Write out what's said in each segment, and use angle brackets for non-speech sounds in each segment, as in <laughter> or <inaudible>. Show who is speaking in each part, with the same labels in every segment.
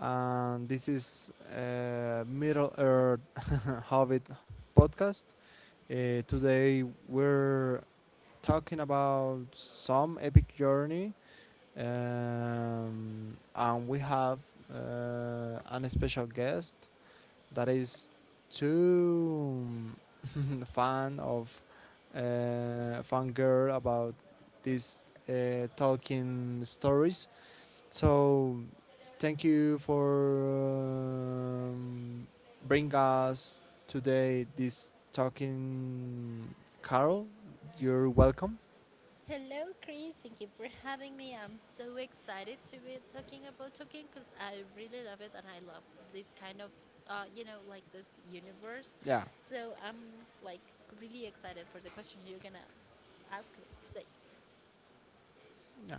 Speaker 1: and this is Middle Earth <laughs> Hobbit podcast. Today we're talking about some epic journey, and we have an special guest that is too <laughs> fan of fan girl about these talking stories. So thank you for bring us today this Tolkien Carol. You're welcome.
Speaker 2: Hello, Chris. Thank you for having me. I'm so excited to be talking about Tolkien because I really love it and I love this kind of, like this universe.
Speaker 1: Yeah,
Speaker 2: So I'm like really excited for the questions you're gonna ask me today.
Speaker 1: yeah,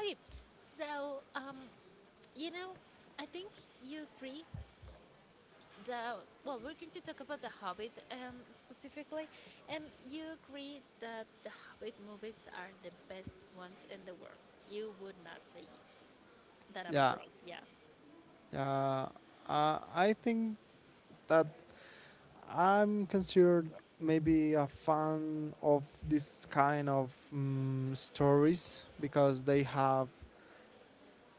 Speaker 2: Okay, so you know, I think you agree that well, we're going to talk about The Hobbit specifically, and you agree that The Hobbit movies are the best ones in the world. You would not say that I'm
Speaker 1: yeah,
Speaker 2: wrong. Yeah.
Speaker 1: yeah. I think that I'm considered maybe a fan of this kind of stories because they have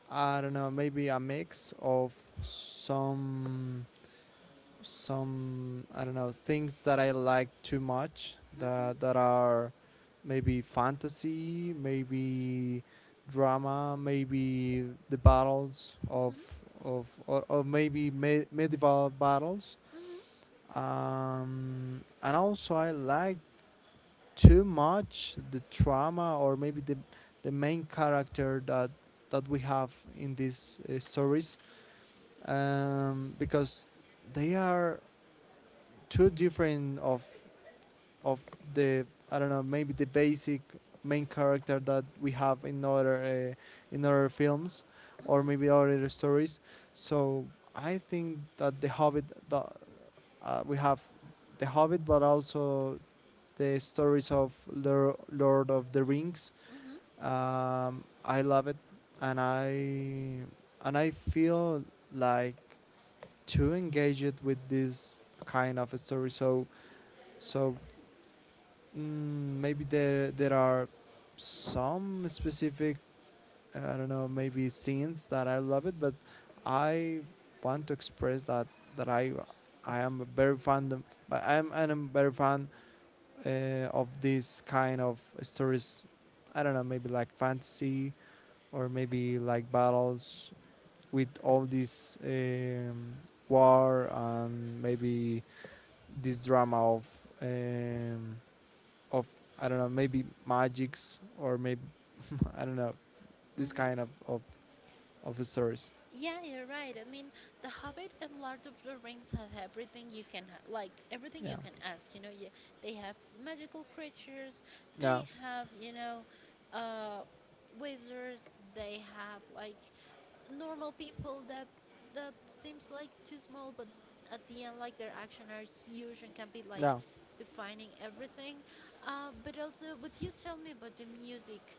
Speaker 1: I don't know maybe a mix of some some I don't know things that I like too much
Speaker 2: Mhm.
Speaker 1: that are maybe fantasy, maybe drama, maybe the battles of or maybe medieval battles.
Speaker 2: Mhm.
Speaker 1: And also I like too much the trauma, or maybe the main character that we have in these stories, because they are too different of the I don't know maybe the basic main character that we have in other in other films or
Speaker 2: Mhm.
Speaker 1: maybe other stories. So I think that the Hobbit that we have the Hobbit, but also the stories of Lord of the Rings.
Speaker 2: Mhm.
Speaker 1: I love it, and I feel like to engage it with this kind of a story. So maybe there are some specific I don't know maybe scenes that I love it, but I want to express that I am a very fond of, but I'm a very fan uh, of these kind of stories. I don't know, maybe like fantasy or maybe like battles with all this war and maybe this drama um, of I don't know, maybe magics or maybe <laughs> I don't know this
Speaker 2: Mhm.
Speaker 1: kind of stories.
Speaker 2: Yeah, you're right. I mean, The Hobbit and Lord of the Rings have everything like, everything you
Speaker 1: Yeah,
Speaker 2: can ask. They have magical creatures. They
Speaker 1: yeah,
Speaker 2: have uh, wizards. They have like normal people that seems like too small, but at the end, like their action are huge and can be like
Speaker 1: yeah,
Speaker 2: defining everything. But also, what you tell me about the music,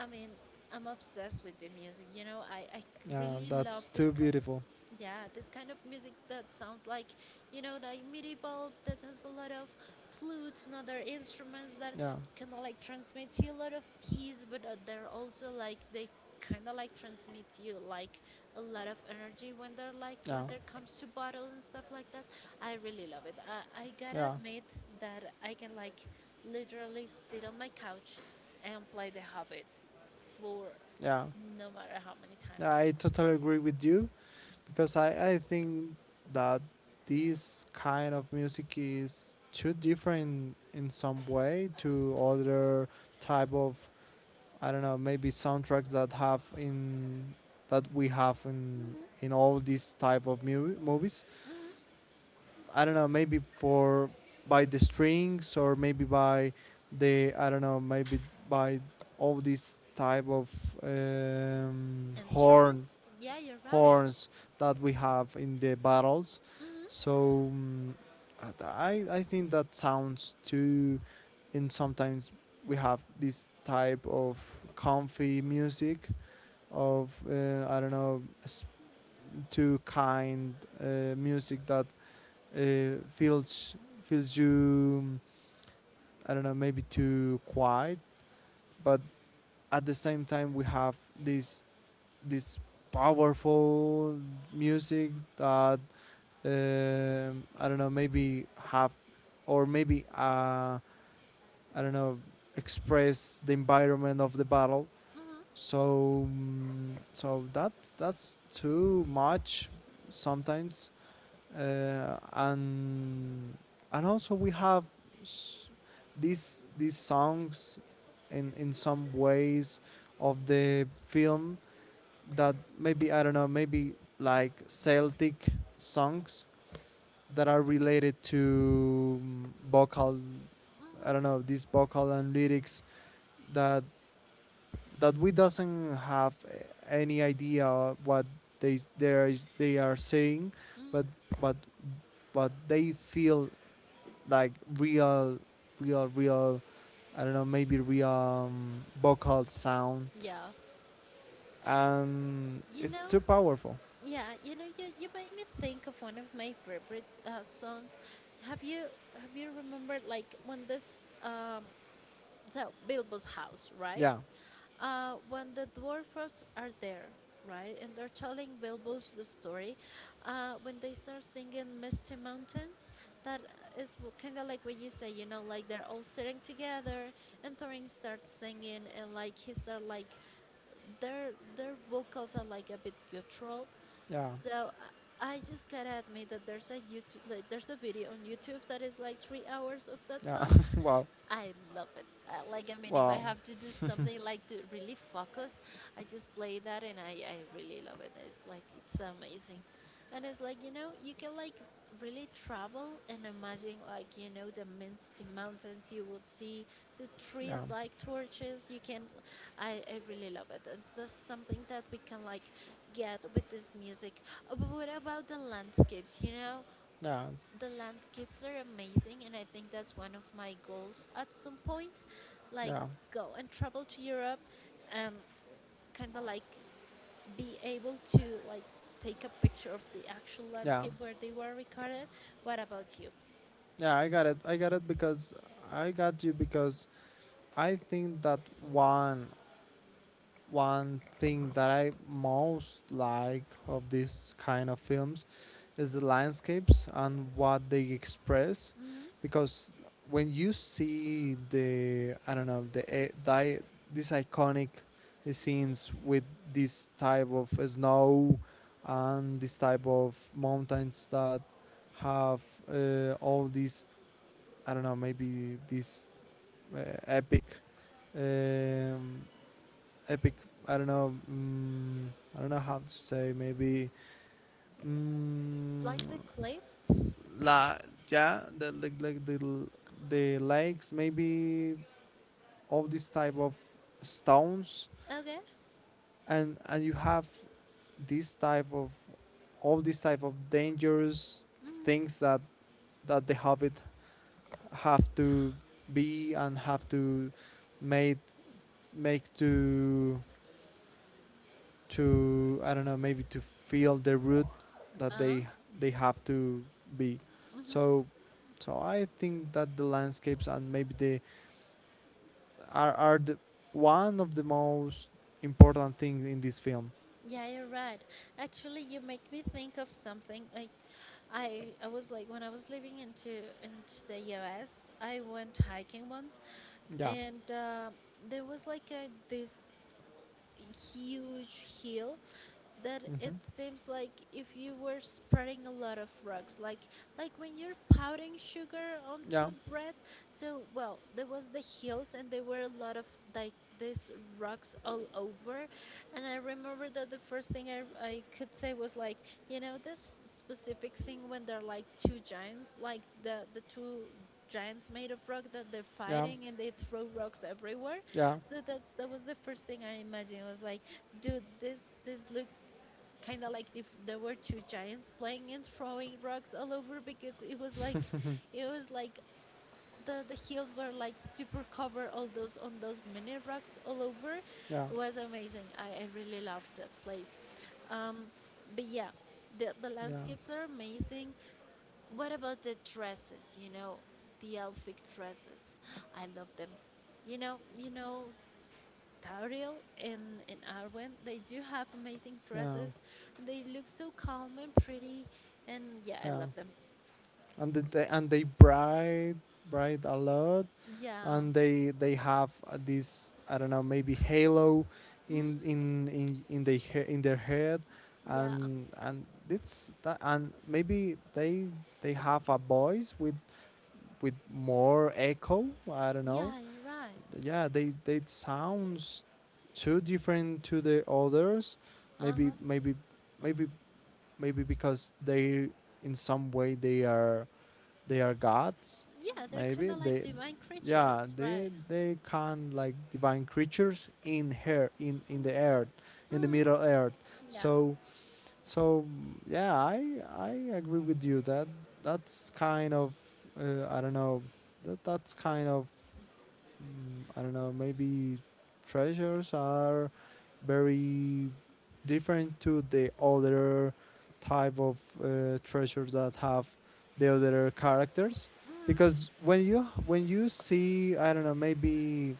Speaker 2: I mean, I'm obsessed with the music. I
Speaker 1: yeah.
Speaker 2: really love
Speaker 1: That's
Speaker 2: this
Speaker 1: too
Speaker 2: kind of
Speaker 1: beautiful.
Speaker 2: yeah, this kind of music that sounds like medieval, that has a lot of flutes and other instruments that
Speaker 1: Yeah,
Speaker 2: kind of like transmit you a lot of peace, but they're also like they kind of like transmit you like a lot of energy when they're like when
Speaker 1: yeah,
Speaker 2: there comes to battle and stuff like that. I really love it. I gotta
Speaker 1: yeah,
Speaker 2: admit that I can like literally sit on my couch and play The Hobbit for
Speaker 1: yeah.
Speaker 2: no matter how many times.
Speaker 1: Yeah, I totally agree with you, because I think that this kind of music is too different in some way to other type of I don't know maybe soundtracks that we have in all these type of movies, I don't know maybe for by the strings or maybe by the I don't know maybe by all these type of um,
Speaker 2: Instrument?
Speaker 1: horn
Speaker 2: Yeah, you're right.
Speaker 1: horns that we have in the battles.
Speaker 2: Mhm,
Speaker 1: So I think that sounds too, and sometimes we have this type of comfy music of I don't know too kind music that uh, feels feels you, I don't know maybe too quiet, but at the same time we have this this powerful music that I don't know, maybe have, or maybe I don't know, express the environment of the battle.
Speaker 2: mhm,
Speaker 1: So that's too much sometimes, uh, and and also we have s- these songs in some ways of the film, that maybe I don't know maybe like Celtic songs that are related to vocal, I don't
Speaker 2: mhm,
Speaker 1: know, these vocal and lyrics that that we doesn't have any idea what they are, they are saying,
Speaker 2: mhm.
Speaker 1: but but but they feel like real real real, I don't know, maybe real vocal sound,
Speaker 2: Yeah,
Speaker 1: and
Speaker 2: you
Speaker 1: it's too
Speaker 2: know,
Speaker 1: powerful.
Speaker 2: yeah, you made me think of one of my favorite songs. Have you have you remembered like when this so Bilbo's house, right?
Speaker 1: Yeah,
Speaker 2: When the dwarfs are there, right, and they're telling Bilbo's the story, when they start singing Misty Mountains, that is kind of like what you say, like they're all sitting together, and Thorin starts singing, and like he start like their vocals are like a bit guttural,
Speaker 1: yeah,
Speaker 2: so. I just gotta admit that there's a YouTube, like, there's a video on YouTube that is like 3 hours of that
Speaker 1: yeah.
Speaker 2: song,
Speaker 1: <laughs> Wow,
Speaker 2: I love it. Like I mean, if I
Speaker 1: wow.
Speaker 2: have to do something like to really focus, I just play that, and I really love it. It's like it's amazing, and it's like you can like really travel and imagine like the misty mountains you would see the
Speaker 1: Yeah,
Speaker 2: trees like torches you can I really love it. It's just something that we can like get with this music. But what about the landscapes?
Speaker 1: yeah,
Speaker 2: The landscapes are amazing, and I think that's one of my goals at some point, like
Speaker 1: yeah,
Speaker 2: go and travel to europe and kind of like be able to like take a picture of the actual
Speaker 1: yeah.
Speaker 2: landscape where they were recorded. What about you?
Speaker 1: Yeah, I got it. I got it because I got you, because I think that one one thing that I most like of this kind of films is the landscapes and what they express,
Speaker 2: Hmm.
Speaker 1: because when you see the I don't know the, e- di these iconic scenes with this type of snow and this type of mountains that have all these, I don't know, maybe this uh, epic, um, epic. I don't know. I don't know how to say. Maybe mm
Speaker 2: Like the clips?
Speaker 1: la yeah, the, like the lakes. Maybe all this type of stones,
Speaker 2: Okay.
Speaker 1: and you have this type of all these type of dangerous things that the hobbit have to be and have to made make to, I don't know, maybe to feel the root that
Speaker 2: Uh-huh.
Speaker 1: they have to be.
Speaker 2: Mm-hmm.
Speaker 1: So so I think that the landscapes and maybe the are the one of the most important things in this film.
Speaker 2: Yeah, you're right. Actually, you make me think of something. Like, I was like when I was living into the U.S. I went hiking once,
Speaker 1: Yeah.
Speaker 2: and there was like a this huge hill that it
Speaker 1: Hmm.
Speaker 2: seems like if you were spreading a lot of rocks like when you're pouting sugar onto
Speaker 1: Yeah.
Speaker 2: a bread. So well, there was the hills and there were a lot of like these rocks all over, and I remember that the first thing I could say was like this specific scene when they're like two giants like the two giants made of rock that they're
Speaker 1: Yeah.
Speaker 2: fighting and they throw rocks everywhere.
Speaker 1: Yeah.
Speaker 2: So that was the first thing I imagined. I was like, dude, this looks kind of like if there were two giants playing and throwing rocks all over because it was like the hills were like super covered all those on those mini rocks all over.
Speaker 1: Yeah.
Speaker 2: It was amazing. I really loved that place. Um, but yeah, the
Speaker 1: Yeah.
Speaker 2: landscapes are amazing. What about the dresses? The elfic dresses. I love them. you know you know Tariel and Arwen, they do have amazing
Speaker 1: Yeah.
Speaker 2: dresses and they look so calm and pretty. And yeah, I
Speaker 1: Yeah.
Speaker 2: love them.
Speaker 1: And they bright a lot,
Speaker 2: Yeah.
Speaker 1: and they have this, I don't know, maybe halo in
Speaker 2: Mm.
Speaker 1: in in in their in their head,
Speaker 2: Yeah.
Speaker 1: and maybe they have a voice with more echo. I don't know.
Speaker 2: Yeah, you're right.
Speaker 1: Yeah, they sounds too different to the others. Maybe
Speaker 2: Uh-huh.
Speaker 1: maybe maybe maybe because they in some way they are gods.
Speaker 2: Yeah, they're kind
Speaker 1: Maybe
Speaker 2: of like
Speaker 1: they
Speaker 2: divine
Speaker 1: Yeah,
Speaker 2: creatures,
Speaker 1: they
Speaker 2: right?
Speaker 1: they can like divine creatures in the earth, in the
Speaker 2: Mm.
Speaker 1: middle earth.
Speaker 2: Yeah.
Speaker 1: So so yeah, I agree with you that that's kind of I don't know, that that's kind of I don't know, maybe treasures are very different to the other type of treasures that have the other characters,
Speaker 2: Mm.
Speaker 1: because when you see, I don't know maybe,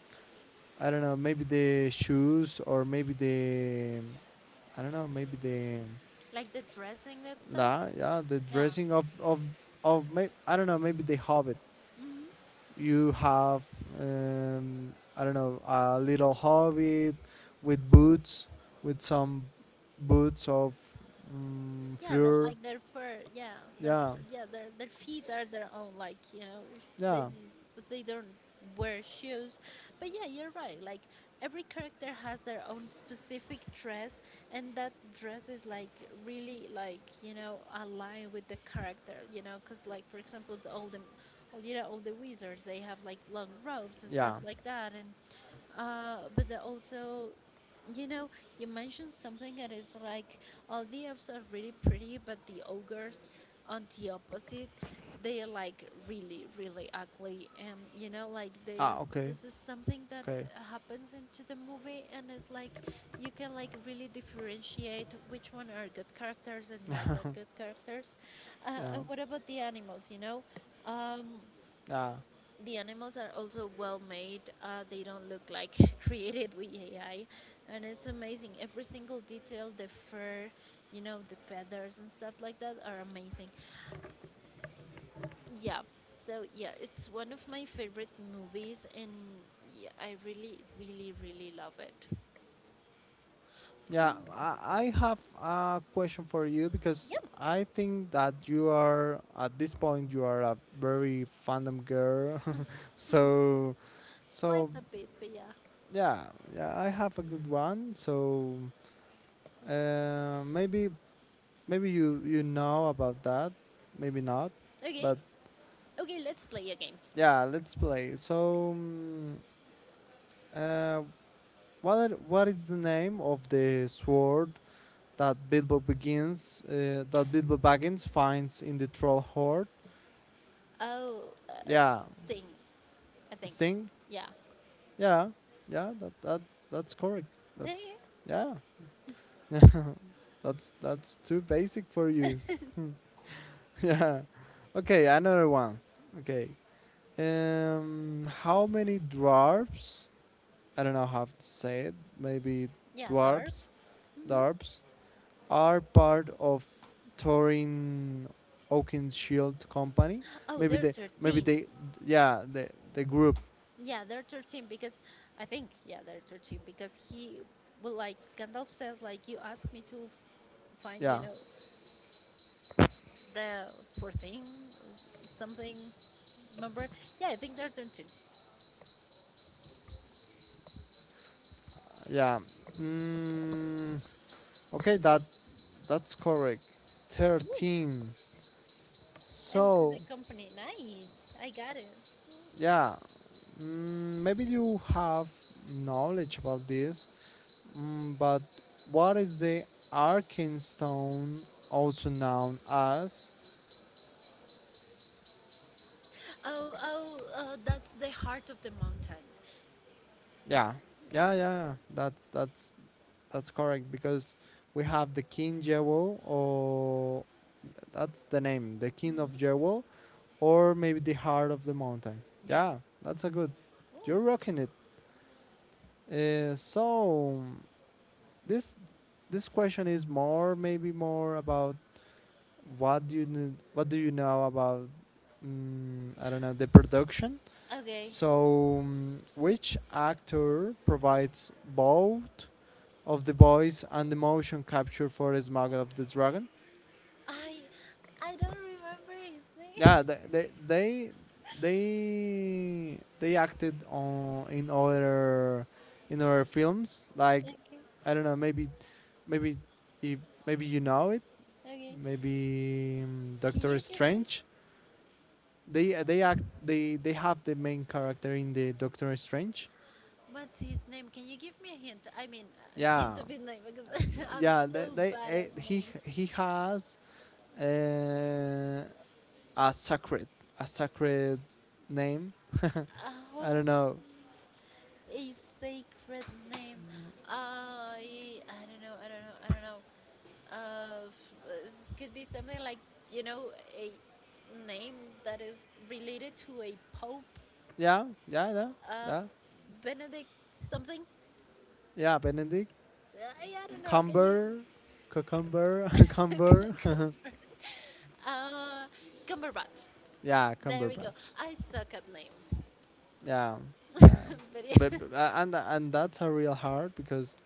Speaker 1: I don't know maybe the shoes, or maybe the, I don't know maybe the
Speaker 2: Like the dressing itself.
Speaker 1: la yeah, the
Speaker 2: Yeah.
Speaker 1: dressing of I don't know, maybe the hobbit.
Speaker 2: Mm-hmm.
Speaker 1: You have I don't know, a little hobbit with boots, with some boots of
Speaker 2: Yeah, that
Speaker 1: fleur.
Speaker 2: like their fur. Yeah,
Speaker 1: Yeah,
Speaker 2: yeah, their feet are their own. Like they
Speaker 1: yeah,
Speaker 2: they 'cause they don't wear shoes. But yeah, you're right. Like every character has their own specific dress, and that dress is like really like aligned with the character. Because like for example, the all you know all the wizards they have like long robes and
Speaker 1: yeah.
Speaker 2: stuff like that, and but they also you know, you mentioned something that is like all the elves are really pretty, but the ogres, on the opposite, they are like really, really ugly. And like they are.
Speaker 1: Ah, okay,
Speaker 2: This is something that
Speaker 1: okay.
Speaker 2: happens into the movie, and it's like you can like really differentiate which one are good characters and not that good characters.
Speaker 1: Yeah,
Speaker 2: And what about the animals? Um,
Speaker 1: yeah,
Speaker 2: the animals are also well made. They don't look like <laughs> created with AI, and it's amazing. Every single detail, the fur, the feathers and stuff like that are amazing. Yeah. So yeah, it's one of my favorite movies, and yeah, I really, really, really love it.
Speaker 1: yeah. I have a question for you, because
Speaker 2: Yep,
Speaker 1: I think that you are at this point you are a very fandom girl. <laughs> so
Speaker 2: quite
Speaker 1: so
Speaker 2: a bit, but yeah.
Speaker 1: yeah, yeah. I have a good one. So uh, maybe maybe you know about that. Maybe not.
Speaker 2: Okay,
Speaker 1: But
Speaker 2: okay, let's play a game.
Speaker 1: yeah, let's play. So, uh, what is the name of the sword that Bilbo Baggins finds in the troll horde?
Speaker 2: Oh, it's
Speaker 1: Yeah,
Speaker 2: Sting, I think.
Speaker 1: Sting.
Speaker 2: Yeah. <laughs>
Speaker 1: Yeah, yeah. That's correct. That's Yeah. <laughs> Yeah. That's too basic for you. <laughs> Yeah. Okay, another one. Okay. How many dwarves, I don't know how to say it. Maybe
Speaker 2: Yeah,
Speaker 1: dwarves,
Speaker 2: dwarfs.
Speaker 1: dwarves, are part of Torin Oakenshield Company.
Speaker 2: Oh,
Speaker 1: Maybe
Speaker 2: they're
Speaker 1: they, maybe
Speaker 2: 13.
Speaker 1: they, yeah, the group,
Speaker 2: Yeah, they're 13 because I think, yeah, they're 13 because he well, like, Gandalf says, like, you asked me to find,
Speaker 1: yeah,
Speaker 2: the 14, something, remember? Yeah, I think they're 13.
Speaker 1: yeah. Mm, okay, that's correct.
Speaker 2: Woo.
Speaker 1: 13.
Speaker 2: And to
Speaker 1: So
Speaker 2: the company. Nice. I got it.
Speaker 1: yeah, maybe you have knowledge about this, but what is the Arkenstone, also known as...
Speaker 2: Oh, oh, oh, that's the heart of the mountain.
Speaker 1: Yeah, yeah, yeah. Yeah. That's correct, because we have the King Jewel, or that's the name, the King of
Speaker 2: Hmm?
Speaker 1: Jewel, or maybe the Heart of the Mountain.
Speaker 2: Yeah.
Speaker 1: Yeah, that's a good.
Speaker 2: Oh,
Speaker 1: You're rocking it. So this this question is more about what do you know about, I don't know, the production.
Speaker 2: okay.
Speaker 1: So which actor provides both of the voice and the motion capture for Smuggle of the Dragon?
Speaker 2: I I don't remember his name.
Speaker 1: Yeah,
Speaker 2: <laughs>
Speaker 1: they acted on in other films. Like
Speaker 2: Okay.
Speaker 1: I don't know, maybe maybe if maybe you know it,
Speaker 2: Okay.
Speaker 1: maybe
Speaker 2: Can
Speaker 1: Doctor
Speaker 2: you give me?
Speaker 1: Strange. They have the main character in the Doctor Strange.
Speaker 2: What's his name? Can you give me a hint? I mean, a hint
Speaker 1: Yeah,
Speaker 2: of his name because <laughs> I'm
Speaker 1: yeah.
Speaker 2: so
Speaker 1: They
Speaker 2: bad
Speaker 1: eh,
Speaker 2: at names.
Speaker 1: he has uh, a sacred, a sacred name. <laughs> I don't
Speaker 2: Oh,
Speaker 1: know.
Speaker 2: a sacred name. I don't know. I don't know. I don't know. This could be something like you know a name that is related to a pope.
Speaker 1: Yeah, yeah, yeah,
Speaker 2: Uh,
Speaker 1: yeah,
Speaker 2: Benedict something.
Speaker 1: yeah. Benedict,
Speaker 2: I don't know. Can you?
Speaker 1: Cumber, cucumber, <laughs>
Speaker 2: <laughs>
Speaker 1: cumber.
Speaker 2: Cumber-
Speaker 1: <laughs>
Speaker 2: uh, Cumberbatch.
Speaker 1: Yeah,
Speaker 2: There we go.
Speaker 1: Cumberbatch.
Speaker 2: I suck at names.
Speaker 1: Yeah, yeah.
Speaker 2: <laughs> But yeah,
Speaker 1: But and that's a real hard, because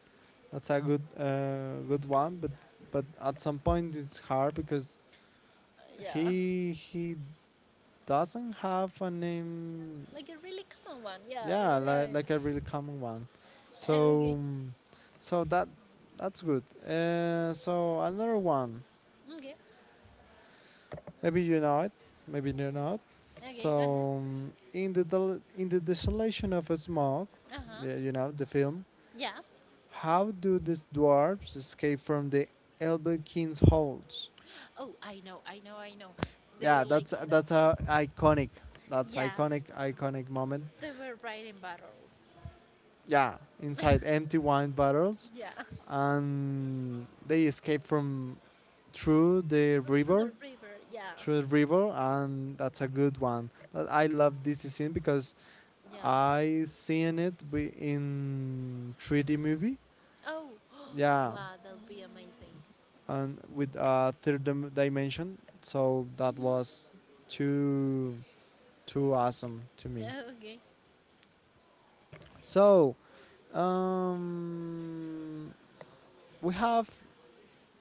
Speaker 1: that's a good one. But at some point it's hard, because
Speaker 2: yeah,
Speaker 1: he doesn't have a name,
Speaker 2: like a really common one. Yeah,
Speaker 1: yeah,
Speaker 2: you're
Speaker 1: like,
Speaker 2: right.
Speaker 1: like a really common one. So,
Speaker 2: Okay,
Speaker 1: so that that's good. Another one,
Speaker 2: okay,
Speaker 1: maybe you know it, maybe you not.
Speaker 2: okay. Go ahead.
Speaker 1: So in the desolation of a smoke,
Speaker 2: Uh huh.
Speaker 1: yeah, you know the film.
Speaker 2: Yeah.
Speaker 1: How do these dwarves escape from the Elven King's holds?
Speaker 2: Oh, I know, I know, I know. They were
Speaker 1: Yeah,
Speaker 2: like,
Speaker 1: that's that's a iconic. That's
Speaker 2: yeah,
Speaker 1: iconic, iconic moment.
Speaker 2: they were riding battles.
Speaker 1: Yeah, inside empty wine bottles,
Speaker 2: Yeah, <laughs>
Speaker 1: and they escape from through the
Speaker 2: through
Speaker 1: river,
Speaker 2: the river. Yeah,
Speaker 1: through the river, and that's a good one. I love this scene because
Speaker 2: yeah.
Speaker 1: I seen it in 3D movie,
Speaker 2: Oh, <gasps>
Speaker 1: yeah,
Speaker 2: wow, that'll be amazing.
Speaker 1: and with a third dimension. So that was too too awesome to me.
Speaker 2: <laughs> Okay,
Speaker 1: So um, we have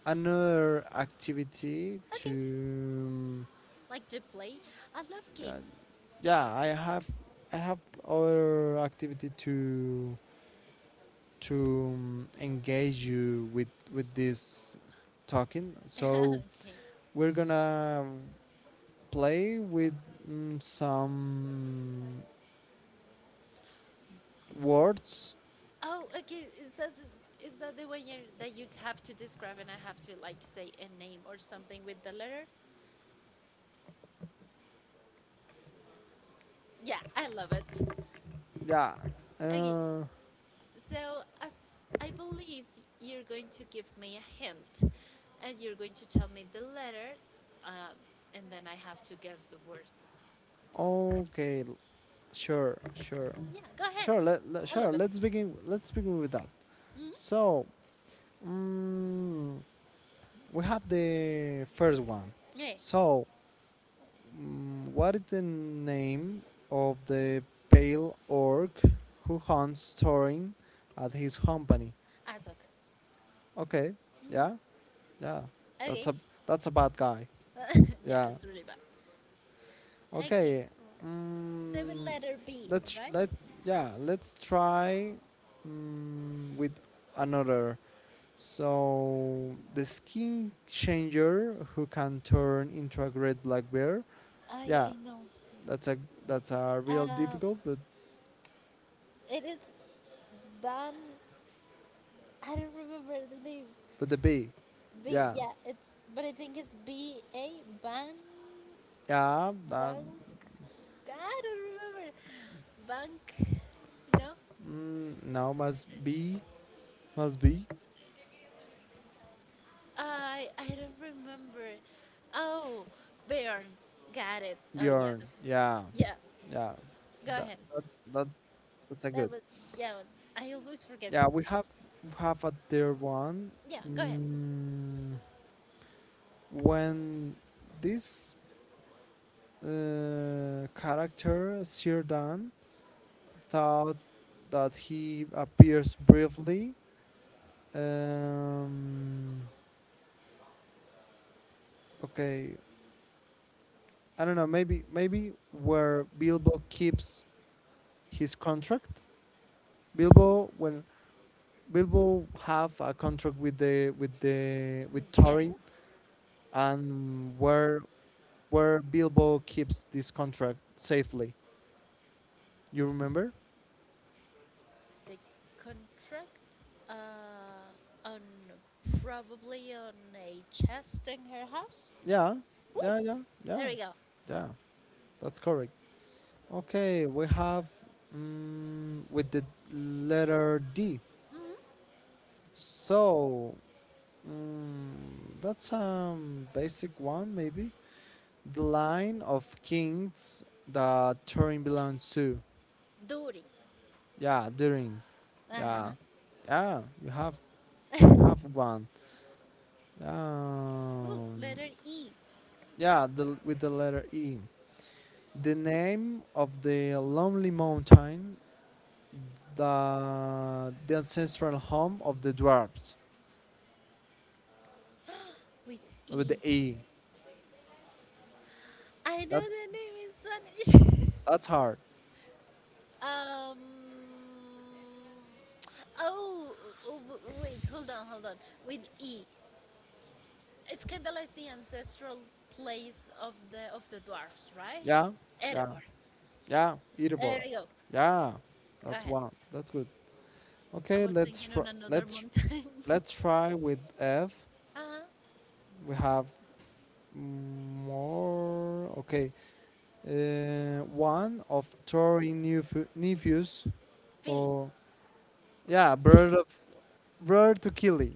Speaker 1: another activity
Speaker 2: okay.
Speaker 1: to
Speaker 2: Like to play. I love
Speaker 1: uh,
Speaker 2: games.
Speaker 1: yeah, I have other activity to engage you with this talking, so
Speaker 2: <laughs> Okay.
Speaker 1: we're gonna play with some words.
Speaker 2: Oh, okay. Is that the way you that you have to describe and I have to like say a name or something with the letter? Yeah, I love it.
Speaker 1: Yeah.
Speaker 2: Okay,
Speaker 1: uh,
Speaker 2: so as I believe you're going to give me a hint, and you're going to tell me the letter, uh, and then I have to guess the word.
Speaker 1: okay, sure sure
Speaker 2: Yeah, go ahead.
Speaker 1: sure
Speaker 2: I love it.
Speaker 1: let's begin, with that.
Speaker 2: Mm-hmm.
Speaker 1: So mm, we have the first one.
Speaker 2: Yeah,
Speaker 1: So, what is the name of the pale orc who hunts Thorin at his company?
Speaker 2: Azok.
Speaker 1: Okay,
Speaker 2: Hmm.
Speaker 1: yeah, yeah, that's
Speaker 2: Okay.
Speaker 1: a that's a bad guy.
Speaker 2: <laughs> Yeah,
Speaker 1: Yeah.
Speaker 2: it's really bad. Okay,
Speaker 1: Okay.
Speaker 2: so with
Speaker 1: Mm,
Speaker 2: letter B,
Speaker 1: let's
Speaker 2: right?
Speaker 1: let yeah let's try, with another. So, the skin changer who can turn into a great black bear.
Speaker 2: I
Speaker 1: Yeah,
Speaker 2: know.
Speaker 1: that's a that's a real
Speaker 2: Uh,
Speaker 1: difficult, but...
Speaker 2: It is Ban. I don't remember the name.
Speaker 1: With the B.
Speaker 2: B.
Speaker 1: Yeah.
Speaker 2: Yeah, it's. But I think it's B A Ban.
Speaker 1: Yeah.
Speaker 2: Bank. I don't remember. Bank. No.
Speaker 1: Now must be. Must be.
Speaker 2: I don't remember. Oh, Bjorn. Got it. Oh yeah,
Speaker 1: Bjorn.
Speaker 2: that was.
Speaker 1: Yeah.
Speaker 2: Yeah.
Speaker 1: Yeah.
Speaker 2: Go
Speaker 1: That,
Speaker 2: ahead.
Speaker 1: that's that's that's a
Speaker 2: That
Speaker 1: good.
Speaker 2: was. Yeah. I always forget
Speaker 1: Yeah,
Speaker 2: his
Speaker 1: we
Speaker 2: name.
Speaker 1: have we have a third one.
Speaker 2: Yeah. Go ahead.
Speaker 1: Mm, when this character Sirdan thought that he appears briefly. Um, okay, I don't know. Maybe where Bilbo keeps his contract. Bilbo when Bilbo have a contract with the with the with
Speaker 2: Mm, yeah.
Speaker 1: Thorin, and where Bilbo keeps this contract safely. You remember?
Speaker 2: The contract, uh, on probably on a chest in her house.
Speaker 1: Yeah,
Speaker 2: Ooh,
Speaker 1: yeah, yeah,
Speaker 2: there
Speaker 1: yeah,
Speaker 2: we go.
Speaker 1: yeah. That's correct. Okay, we have with the letter D.
Speaker 2: Hmm.
Speaker 1: So mm, that's basic one maybe. The line of kings that Turin belongs to.
Speaker 2: Dory.
Speaker 1: Yeah, Turin.
Speaker 2: Uh
Speaker 1: Yeah,
Speaker 2: huh.
Speaker 1: yeah, you have one.
Speaker 2: Ooh,
Speaker 1: Um,
Speaker 2: letter E
Speaker 1: yeah, the, with the letter E. The name of the lonely mountain, the ancestral home of the dwarves.
Speaker 2: with
Speaker 1: With the
Speaker 2: E.
Speaker 1: E.
Speaker 2: I know
Speaker 1: That's
Speaker 2: the name in Spanish.
Speaker 1: that's hard.
Speaker 2: <laughs> um. Oh, oh, wait, hold on, hold on. With E, it's kind of like the ancestral place of the dwarfs, right?
Speaker 1: Yeah, yeah,
Speaker 2: Erebor.
Speaker 1: yeah.
Speaker 2: There
Speaker 1: Erebor.
Speaker 2: we go.
Speaker 1: Yeah,
Speaker 2: Go
Speaker 1: that's
Speaker 2: ahead.
Speaker 1: one. That's good.
Speaker 2: I
Speaker 1: Okay,
Speaker 2: was
Speaker 1: let's
Speaker 2: thinking
Speaker 1: try.
Speaker 2: on another mountain.
Speaker 1: Let's
Speaker 2: <laughs>
Speaker 1: try with F.
Speaker 2: Uh-huh.
Speaker 1: We have more. Okay, one of Tory nephews,
Speaker 2: Philly.
Speaker 1: or yeah, brother to Killy.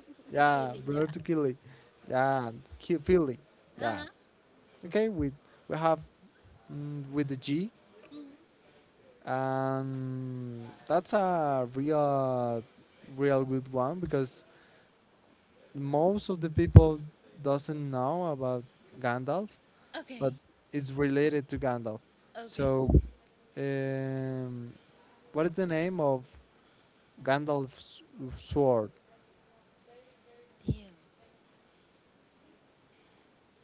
Speaker 1: <laughs> yeah,
Speaker 2: Philly, yeah.
Speaker 1: brother to Killy. Yeah, Philly. Yeah.
Speaker 2: Uh-huh.
Speaker 1: Okay, we have with the G,
Speaker 2: Mhm.
Speaker 1: and that's a real good one because most of the people doesn't know about Gandalf but
Speaker 2: Okay.
Speaker 1: it's related to Gandalf.
Speaker 2: Okay.
Speaker 1: So, um, what is the name of Gandalf's sword?
Speaker 2: Damn.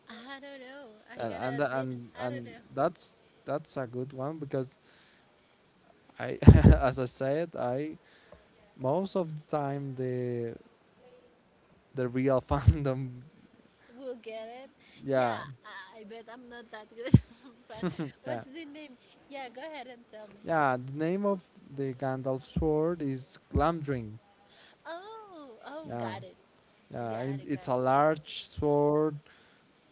Speaker 2: I don't know. I
Speaker 1: And and
Speaker 2: gotta admit,
Speaker 1: and,
Speaker 2: I don't
Speaker 1: and
Speaker 2: know.
Speaker 1: that's a good one because I, <laughs> as I said, I most of the time the real <laughs> fandom,
Speaker 2: We'll get it. Yeah,
Speaker 1: yeah,
Speaker 2: I bet I'm not that good <laughs> of a fan.
Speaker 1: yeah,
Speaker 2: What's the name? Yeah, go ahead and tell me.
Speaker 1: yeah. The name of the Gandalf sword is Glamdring.
Speaker 2: Oh, oh,
Speaker 1: Yeah,
Speaker 2: got it.
Speaker 1: yeah.
Speaker 2: Got
Speaker 1: And
Speaker 2: it, got
Speaker 1: it's a
Speaker 2: it.
Speaker 1: large sword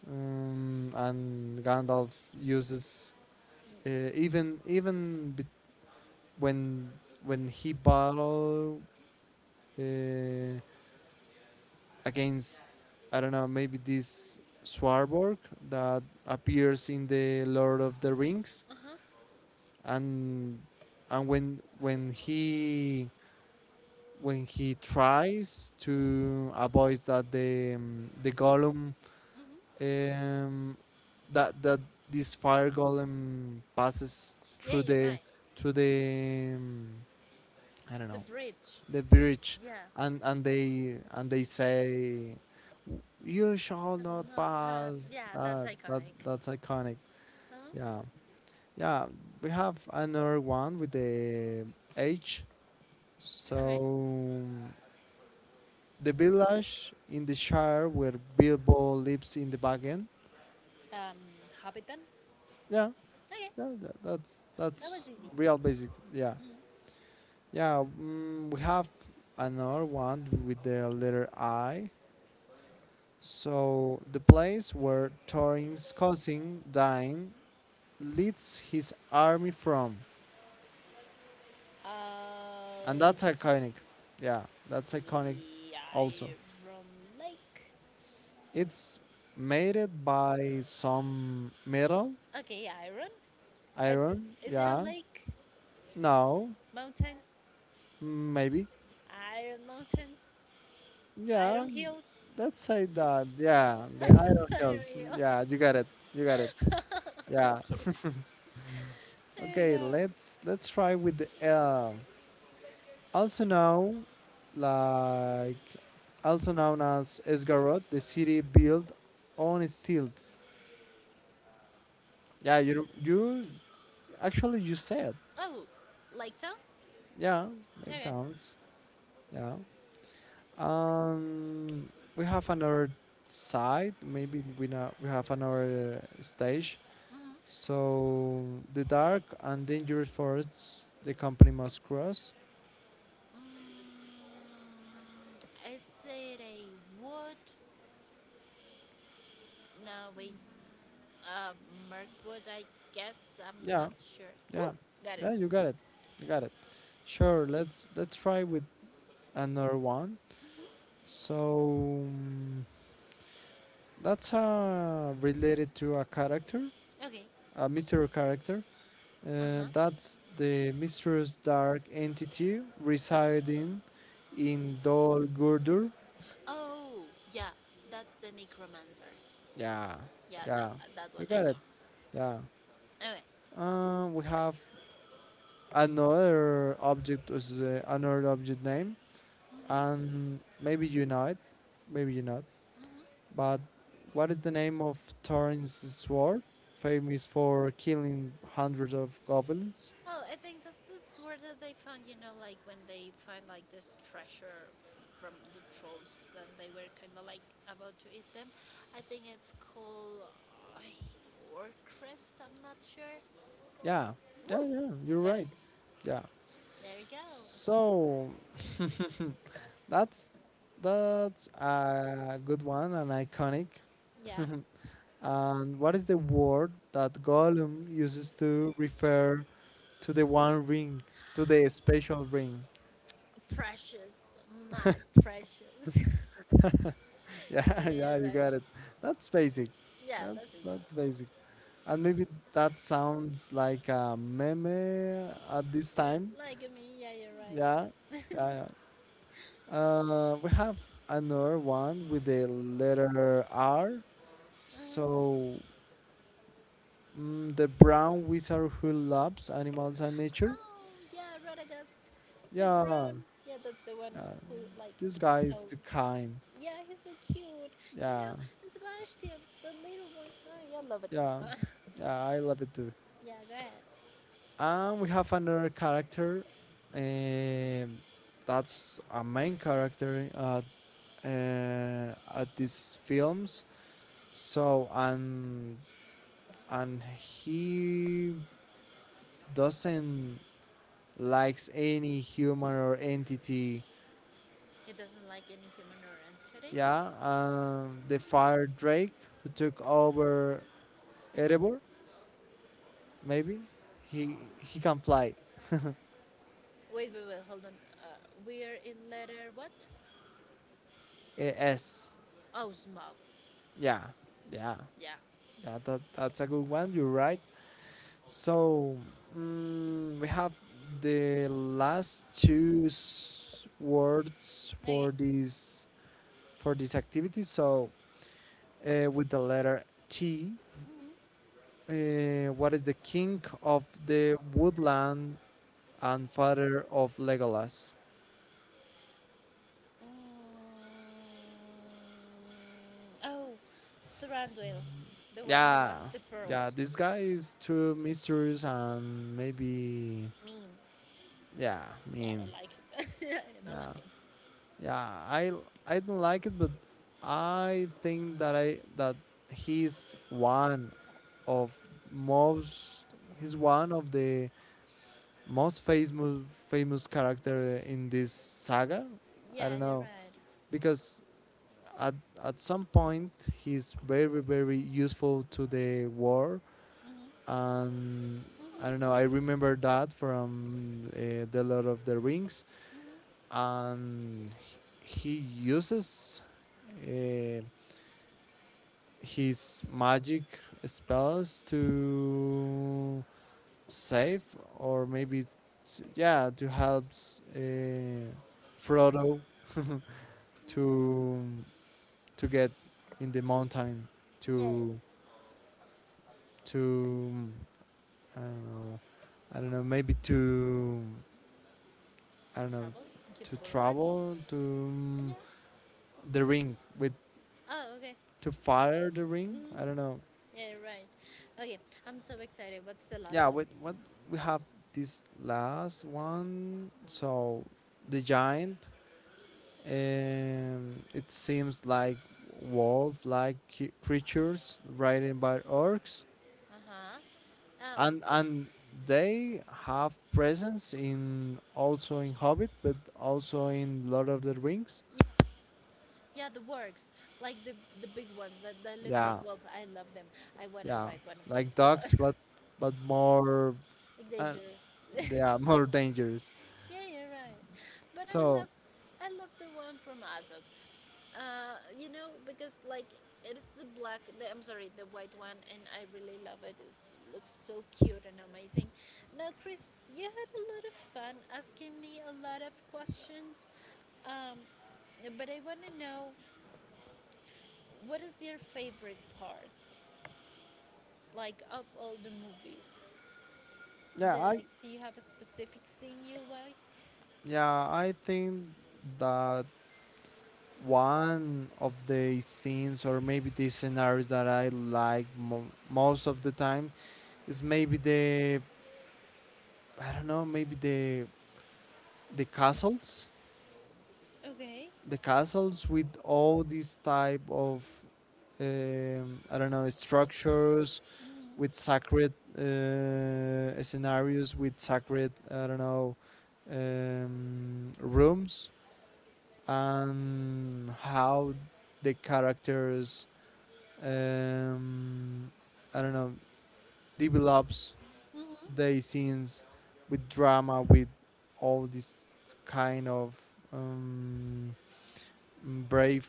Speaker 1: and Gandalf uses Uh, even even bet- when he battled uh, against I don't know maybe this Swarborg that appears in the Lord of the Rings
Speaker 2: Uh-huh.
Speaker 1: and and when when he when he tries
Speaker 2: Mm-hmm.
Speaker 1: to avoid that the golem,
Speaker 2: Mm-hmm.
Speaker 1: um, that that this fire golem passes
Speaker 2: Yeah,
Speaker 1: through
Speaker 2: you're right.
Speaker 1: the I don't
Speaker 2: The
Speaker 1: know,
Speaker 2: bridge.
Speaker 1: the bridge,
Speaker 2: Yeah.
Speaker 1: and they say, "You shall not
Speaker 2: I'm not that.
Speaker 1: pass."
Speaker 2: Yeah, that's
Speaker 1: That
Speaker 2: iconic.
Speaker 1: that's iconic.
Speaker 2: Huh?
Speaker 1: Yeah, yeah. We have another one with the H. So
Speaker 2: Okay.
Speaker 1: the village in the Shire where Bilbo lives in the back end.
Speaker 2: Um, Hobbiton.
Speaker 1: Yeah,
Speaker 2: Okay,
Speaker 1: yeah. That, that's
Speaker 2: that was
Speaker 1: that's
Speaker 2: easy.
Speaker 1: real basic. Yeah,
Speaker 2: Mm.
Speaker 1: yeah. We have another one with the letter I. So the place where Thorin's cousin Dain leads his army from, and
Speaker 2: Uh,
Speaker 1: that's iconic. Yeah, that's iconic.
Speaker 2: the
Speaker 1: Also,
Speaker 2: Iron Lake.
Speaker 1: it's made it by some metal,
Speaker 2: Okay, Iron. It's
Speaker 1: iron.
Speaker 2: Is it a
Speaker 1: Yeah,
Speaker 2: lake?
Speaker 1: no,
Speaker 2: Mountain?
Speaker 1: maybe.
Speaker 2: Iron Mountains?
Speaker 1: Yeah,
Speaker 2: Iron Hills?
Speaker 1: let's say that. Yeah,
Speaker 2: <laughs>
Speaker 1: the
Speaker 2: Iron
Speaker 1: iron hills.
Speaker 2: Hills.
Speaker 1: Yeah, you got it. You got it.
Speaker 2: <laughs>
Speaker 1: Yeah.
Speaker 2: Okay,
Speaker 1: <laughs>
Speaker 2: there we
Speaker 1: Okay,
Speaker 2: go.
Speaker 1: let's try with the L. Also known like also known as Esgarot, the city built on stilts. Yeah, you actually you said.
Speaker 2: Oh, Lake Town.
Speaker 1: Yeah, like
Speaker 2: Okay.
Speaker 1: towns. Yeah. Um we have another side, maybe we not, we have another stage.
Speaker 2: Mm.
Speaker 1: So the dark and dangerous forests the company must cross.
Speaker 2: Mm. Is it a wood? No, wait. Uh, Mirkwood, I guess. I'm
Speaker 1: Yeah,
Speaker 2: not sure.
Speaker 1: yeah.
Speaker 2: Woo! Got it.
Speaker 1: Yeah, you got it. You got it. Sure, let's try with another one.
Speaker 2: Mhm.
Speaker 1: So that's related to a character,
Speaker 2: Okay.
Speaker 1: a mystery character.
Speaker 2: Uh huh.
Speaker 1: That's the mysterious dark entity residing in Dol Guldur.
Speaker 2: Oh, yeah. That's the necromancer.
Speaker 1: Yeah,
Speaker 2: Yeah, that
Speaker 1: yeah,
Speaker 2: that
Speaker 1: you
Speaker 2: one I
Speaker 1: got it.
Speaker 2: know.
Speaker 1: Yeah.
Speaker 2: Okay.
Speaker 1: We have another object with another object name,
Speaker 2: hmm
Speaker 1: and maybe you know it, maybe you not.
Speaker 2: Mhm.
Speaker 1: But what is the name of Thorin's sword? Famous for killing hundreds of goblins.
Speaker 2: Well, I think that's the sword that they found. You know, like when they find like this treasure from the trolls that they were kind of like about to eat them. I think it's called Orcrest. I'm not sure.
Speaker 1: Yeah, yeah,
Speaker 2: Ooh,
Speaker 1: yeah. You're
Speaker 2: got it.
Speaker 1: right. Yeah.
Speaker 2: There we go.
Speaker 1: So <laughs> that's that's a good one and iconic.
Speaker 2: Yeah.
Speaker 1: <laughs> And what is the word that Gollum uses to refer to the one ring, to the special ring? <laughs>
Speaker 2: Precious, my precious. <laughs> Yeah,
Speaker 1: Yeah, yeah,
Speaker 2: you're
Speaker 1: you
Speaker 2: right.
Speaker 1: got it. That's basic.
Speaker 2: Yeah, that's
Speaker 1: That's
Speaker 2: it.
Speaker 1: that's basic. And maybe that sounds like a meme at this time.
Speaker 2: Like, I mean, yeah, you're right.
Speaker 1: Yeah, yeah, yeah. We have another one with the letter R.
Speaker 2: Hmm.
Speaker 1: So the brown wizard who loves animals and nature.
Speaker 2: Oh, yeah, Radagast, the
Speaker 1: Yeah,
Speaker 2: brown. Yeah, that's the one who, like,
Speaker 1: this guy is
Speaker 2: tell.
Speaker 1: too kind.
Speaker 2: Yeah, he's so cute. You know,
Speaker 1: Yeah,
Speaker 2: and Sebastian, the little one. Oh, yeah, I love it.
Speaker 1: yeah,
Speaker 2: <laughs>
Speaker 1: yeah. I love it too.
Speaker 2: Yeah, go ahead.
Speaker 1: And we have another character. Um, that's a main character at these films. So and he doesn't likes any human or entity.
Speaker 2: He doesn't like any human or entity.
Speaker 1: Yeah, the fire drake who took over Erebor, maybe he can fly.
Speaker 2: Wait, hold on. Uh, we are in letter what?
Speaker 1: Eh, S.
Speaker 2: Oh, smog.
Speaker 1: Yeah, yeah,
Speaker 2: Yeah.
Speaker 1: yeah. That's a good one. You're right. So we have the last two words
Speaker 2: Okay.
Speaker 1: for this activity. So with the letter T,
Speaker 2: Mm-hmm.
Speaker 1: what is the king of the woodland and father of Legolas?
Speaker 2: Mm, oh, Thranduil, the one who
Speaker 1: Yeah,
Speaker 2: wants the
Speaker 1: yeah.
Speaker 2: pearls.
Speaker 1: This guy is too mysterious and maybe
Speaker 2: Mean.
Speaker 1: yeah. I
Speaker 2: Yeah, I
Speaker 1: mean,
Speaker 2: don't like him. <laughs> I don't
Speaker 1: yeah.
Speaker 2: like him.
Speaker 1: Yeah, I don't like it, but I think that I that he's one of most he's one of the most famous famous character in this saga. I
Speaker 2: Yeah,
Speaker 1: don't
Speaker 2: you're
Speaker 1: know
Speaker 2: right.
Speaker 1: because at at some point he's very very useful to the war
Speaker 2: Mm-hmm.
Speaker 1: and I don't know.
Speaker 2: Mm-hmm.
Speaker 1: I remember that from the Lord of the Rings
Speaker 2: Mm-hmm.
Speaker 1: and he uses uh, his magic spells to save or maybe yeah to help uh, Frodo <laughs> to to get in the mountain
Speaker 2: Yeah. Yeah.
Speaker 1: to to I don't know, I don't know maybe to, I don't know,
Speaker 2: Travel. Keep
Speaker 1: to
Speaker 2: forward.
Speaker 1: travel to,
Speaker 2: Yeah.
Speaker 1: the ring with,
Speaker 2: Oh, okay.
Speaker 1: to fire the ring,
Speaker 2: Mm-hmm.
Speaker 1: I don't know.
Speaker 2: Yeah, you're right. Okay, I'm so excited. What's the
Speaker 1: Yeah,
Speaker 2: last one?
Speaker 1: what we have this last one. So the giant it seems like wolf like creatures ridden by orcs
Speaker 2: Uh-huh. Uh,
Speaker 1: and they have presence in also in Hobbit but also in Lord of the Rings.
Speaker 2: yeah, the works, like the big ones that look like
Speaker 1: Yeah,
Speaker 2: wolf. I love them. I want to
Speaker 1: yeah,
Speaker 2: ride one of
Speaker 1: like
Speaker 2: those.
Speaker 1: dogs but more,
Speaker 2: <laughs> Like
Speaker 1: uh,
Speaker 2: dangerous.
Speaker 1: they
Speaker 2: <laughs>
Speaker 1: are <laughs> more dangerous.
Speaker 2: Yeah, you're right. But
Speaker 1: So
Speaker 2: I love the one from Azog. You know, because like it is the black. The, I'm sorry, the white one, and I really love it. It looks so cute and amazing. Now, Chris, you had a lot of fun asking me a lot of questions. Um, but I want to know what is your favorite part, like of all the movies,
Speaker 1: yeah I
Speaker 2: like, do you have a specific scene you like?
Speaker 1: yeah, I think that one of the scenes or maybe the scenarios that I like most of the time is maybe the, I don't know, maybe the castles,
Speaker 2: Okay.
Speaker 1: the castles with all these type of, I don't know, structures with
Speaker 2: Hmm.
Speaker 1: sacred, scenarios with sacred, I don't know, rooms, and how the characters, um, I don't know, develops the
Speaker 2: Hmm.
Speaker 1: scenes with drama, with all this kind of, um, brave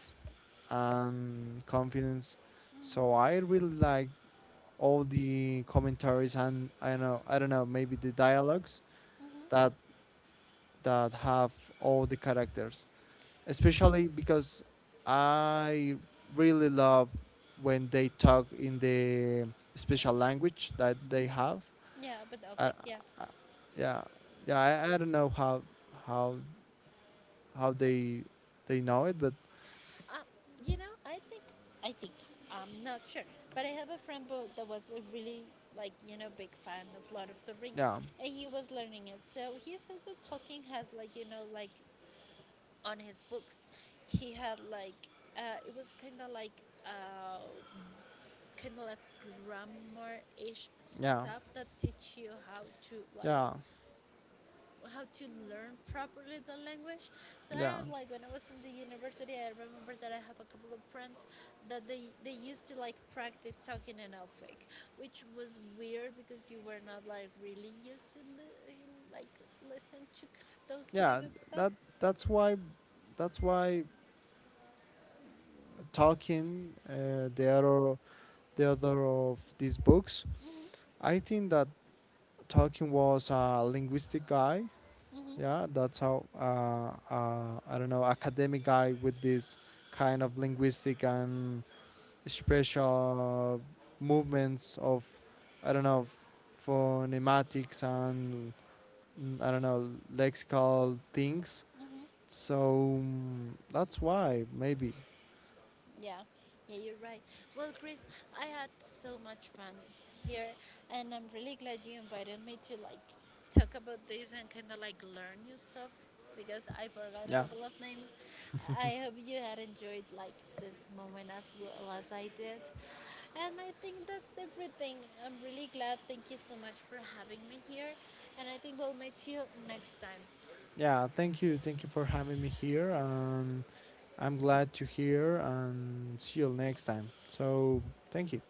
Speaker 1: and confidence. So I
Speaker 2: Hmm.
Speaker 1: really like all the commentaries and, I don't know, I don't know, maybe the dialogues that
Speaker 2: Hmm.
Speaker 1: have all the characters, especially because I really love when they talk in the special language that they have.
Speaker 2: Yeah, but
Speaker 1: I,
Speaker 2: Opec, yeah.
Speaker 1: I, yeah, yeah. I, don't know how how they know it, but
Speaker 2: Um, you know, I think, I'm not sure, but I have a friend that was a really, like, you know, big fan of Lord of the Rings,
Speaker 1: yeah,
Speaker 2: and he was learning it. So he said that Tolkien has, like, you know, like on his books he had like it was kind of like grammar-ish
Speaker 1: yeah,
Speaker 2: stuff that teach you how to like
Speaker 1: yeah,
Speaker 2: how to learn properly the language. So I
Speaker 1: yeah,
Speaker 2: have like when I was in the university I remember that I have a couple of friends that they used to like practice talking in elfic, which was weird because you were not like really used to like listen to those
Speaker 1: yeah.
Speaker 2: kind of stuff.
Speaker 1: That that's why that's why Tolkien, the other of these books.
Speaker 2: Hmm.
Speaker 1: I think that Tolkien was a linguistic guy.
Speaker 2: Hmm.
Speaker 1: Yeah, that's how, I don't know, academic guy with this kind of linguistic and special movements of, I don't know, phonetics and, I don't know, lexical things.
Speaker 2: Hmm.
Speaker 1: So that's why maybe.
Speaker 2: Yeah, yeah, you're right. Well, Chris, I had so much fun here, and I'm really glad you invited me to like talk about this and kind of like learn new stuff because I forgot a
Speaker 1: Yeah,
Speaker 2: couple of names. I hope you had enjoyed like this moment as well as I did. And I think that's everything. I'm really glad. Thank you so much for having me here, and I think we'll meet you next time.
Speaker 1: yeah. Thank you for having me here, and I'm glad to hear. And see you next time. So thank you.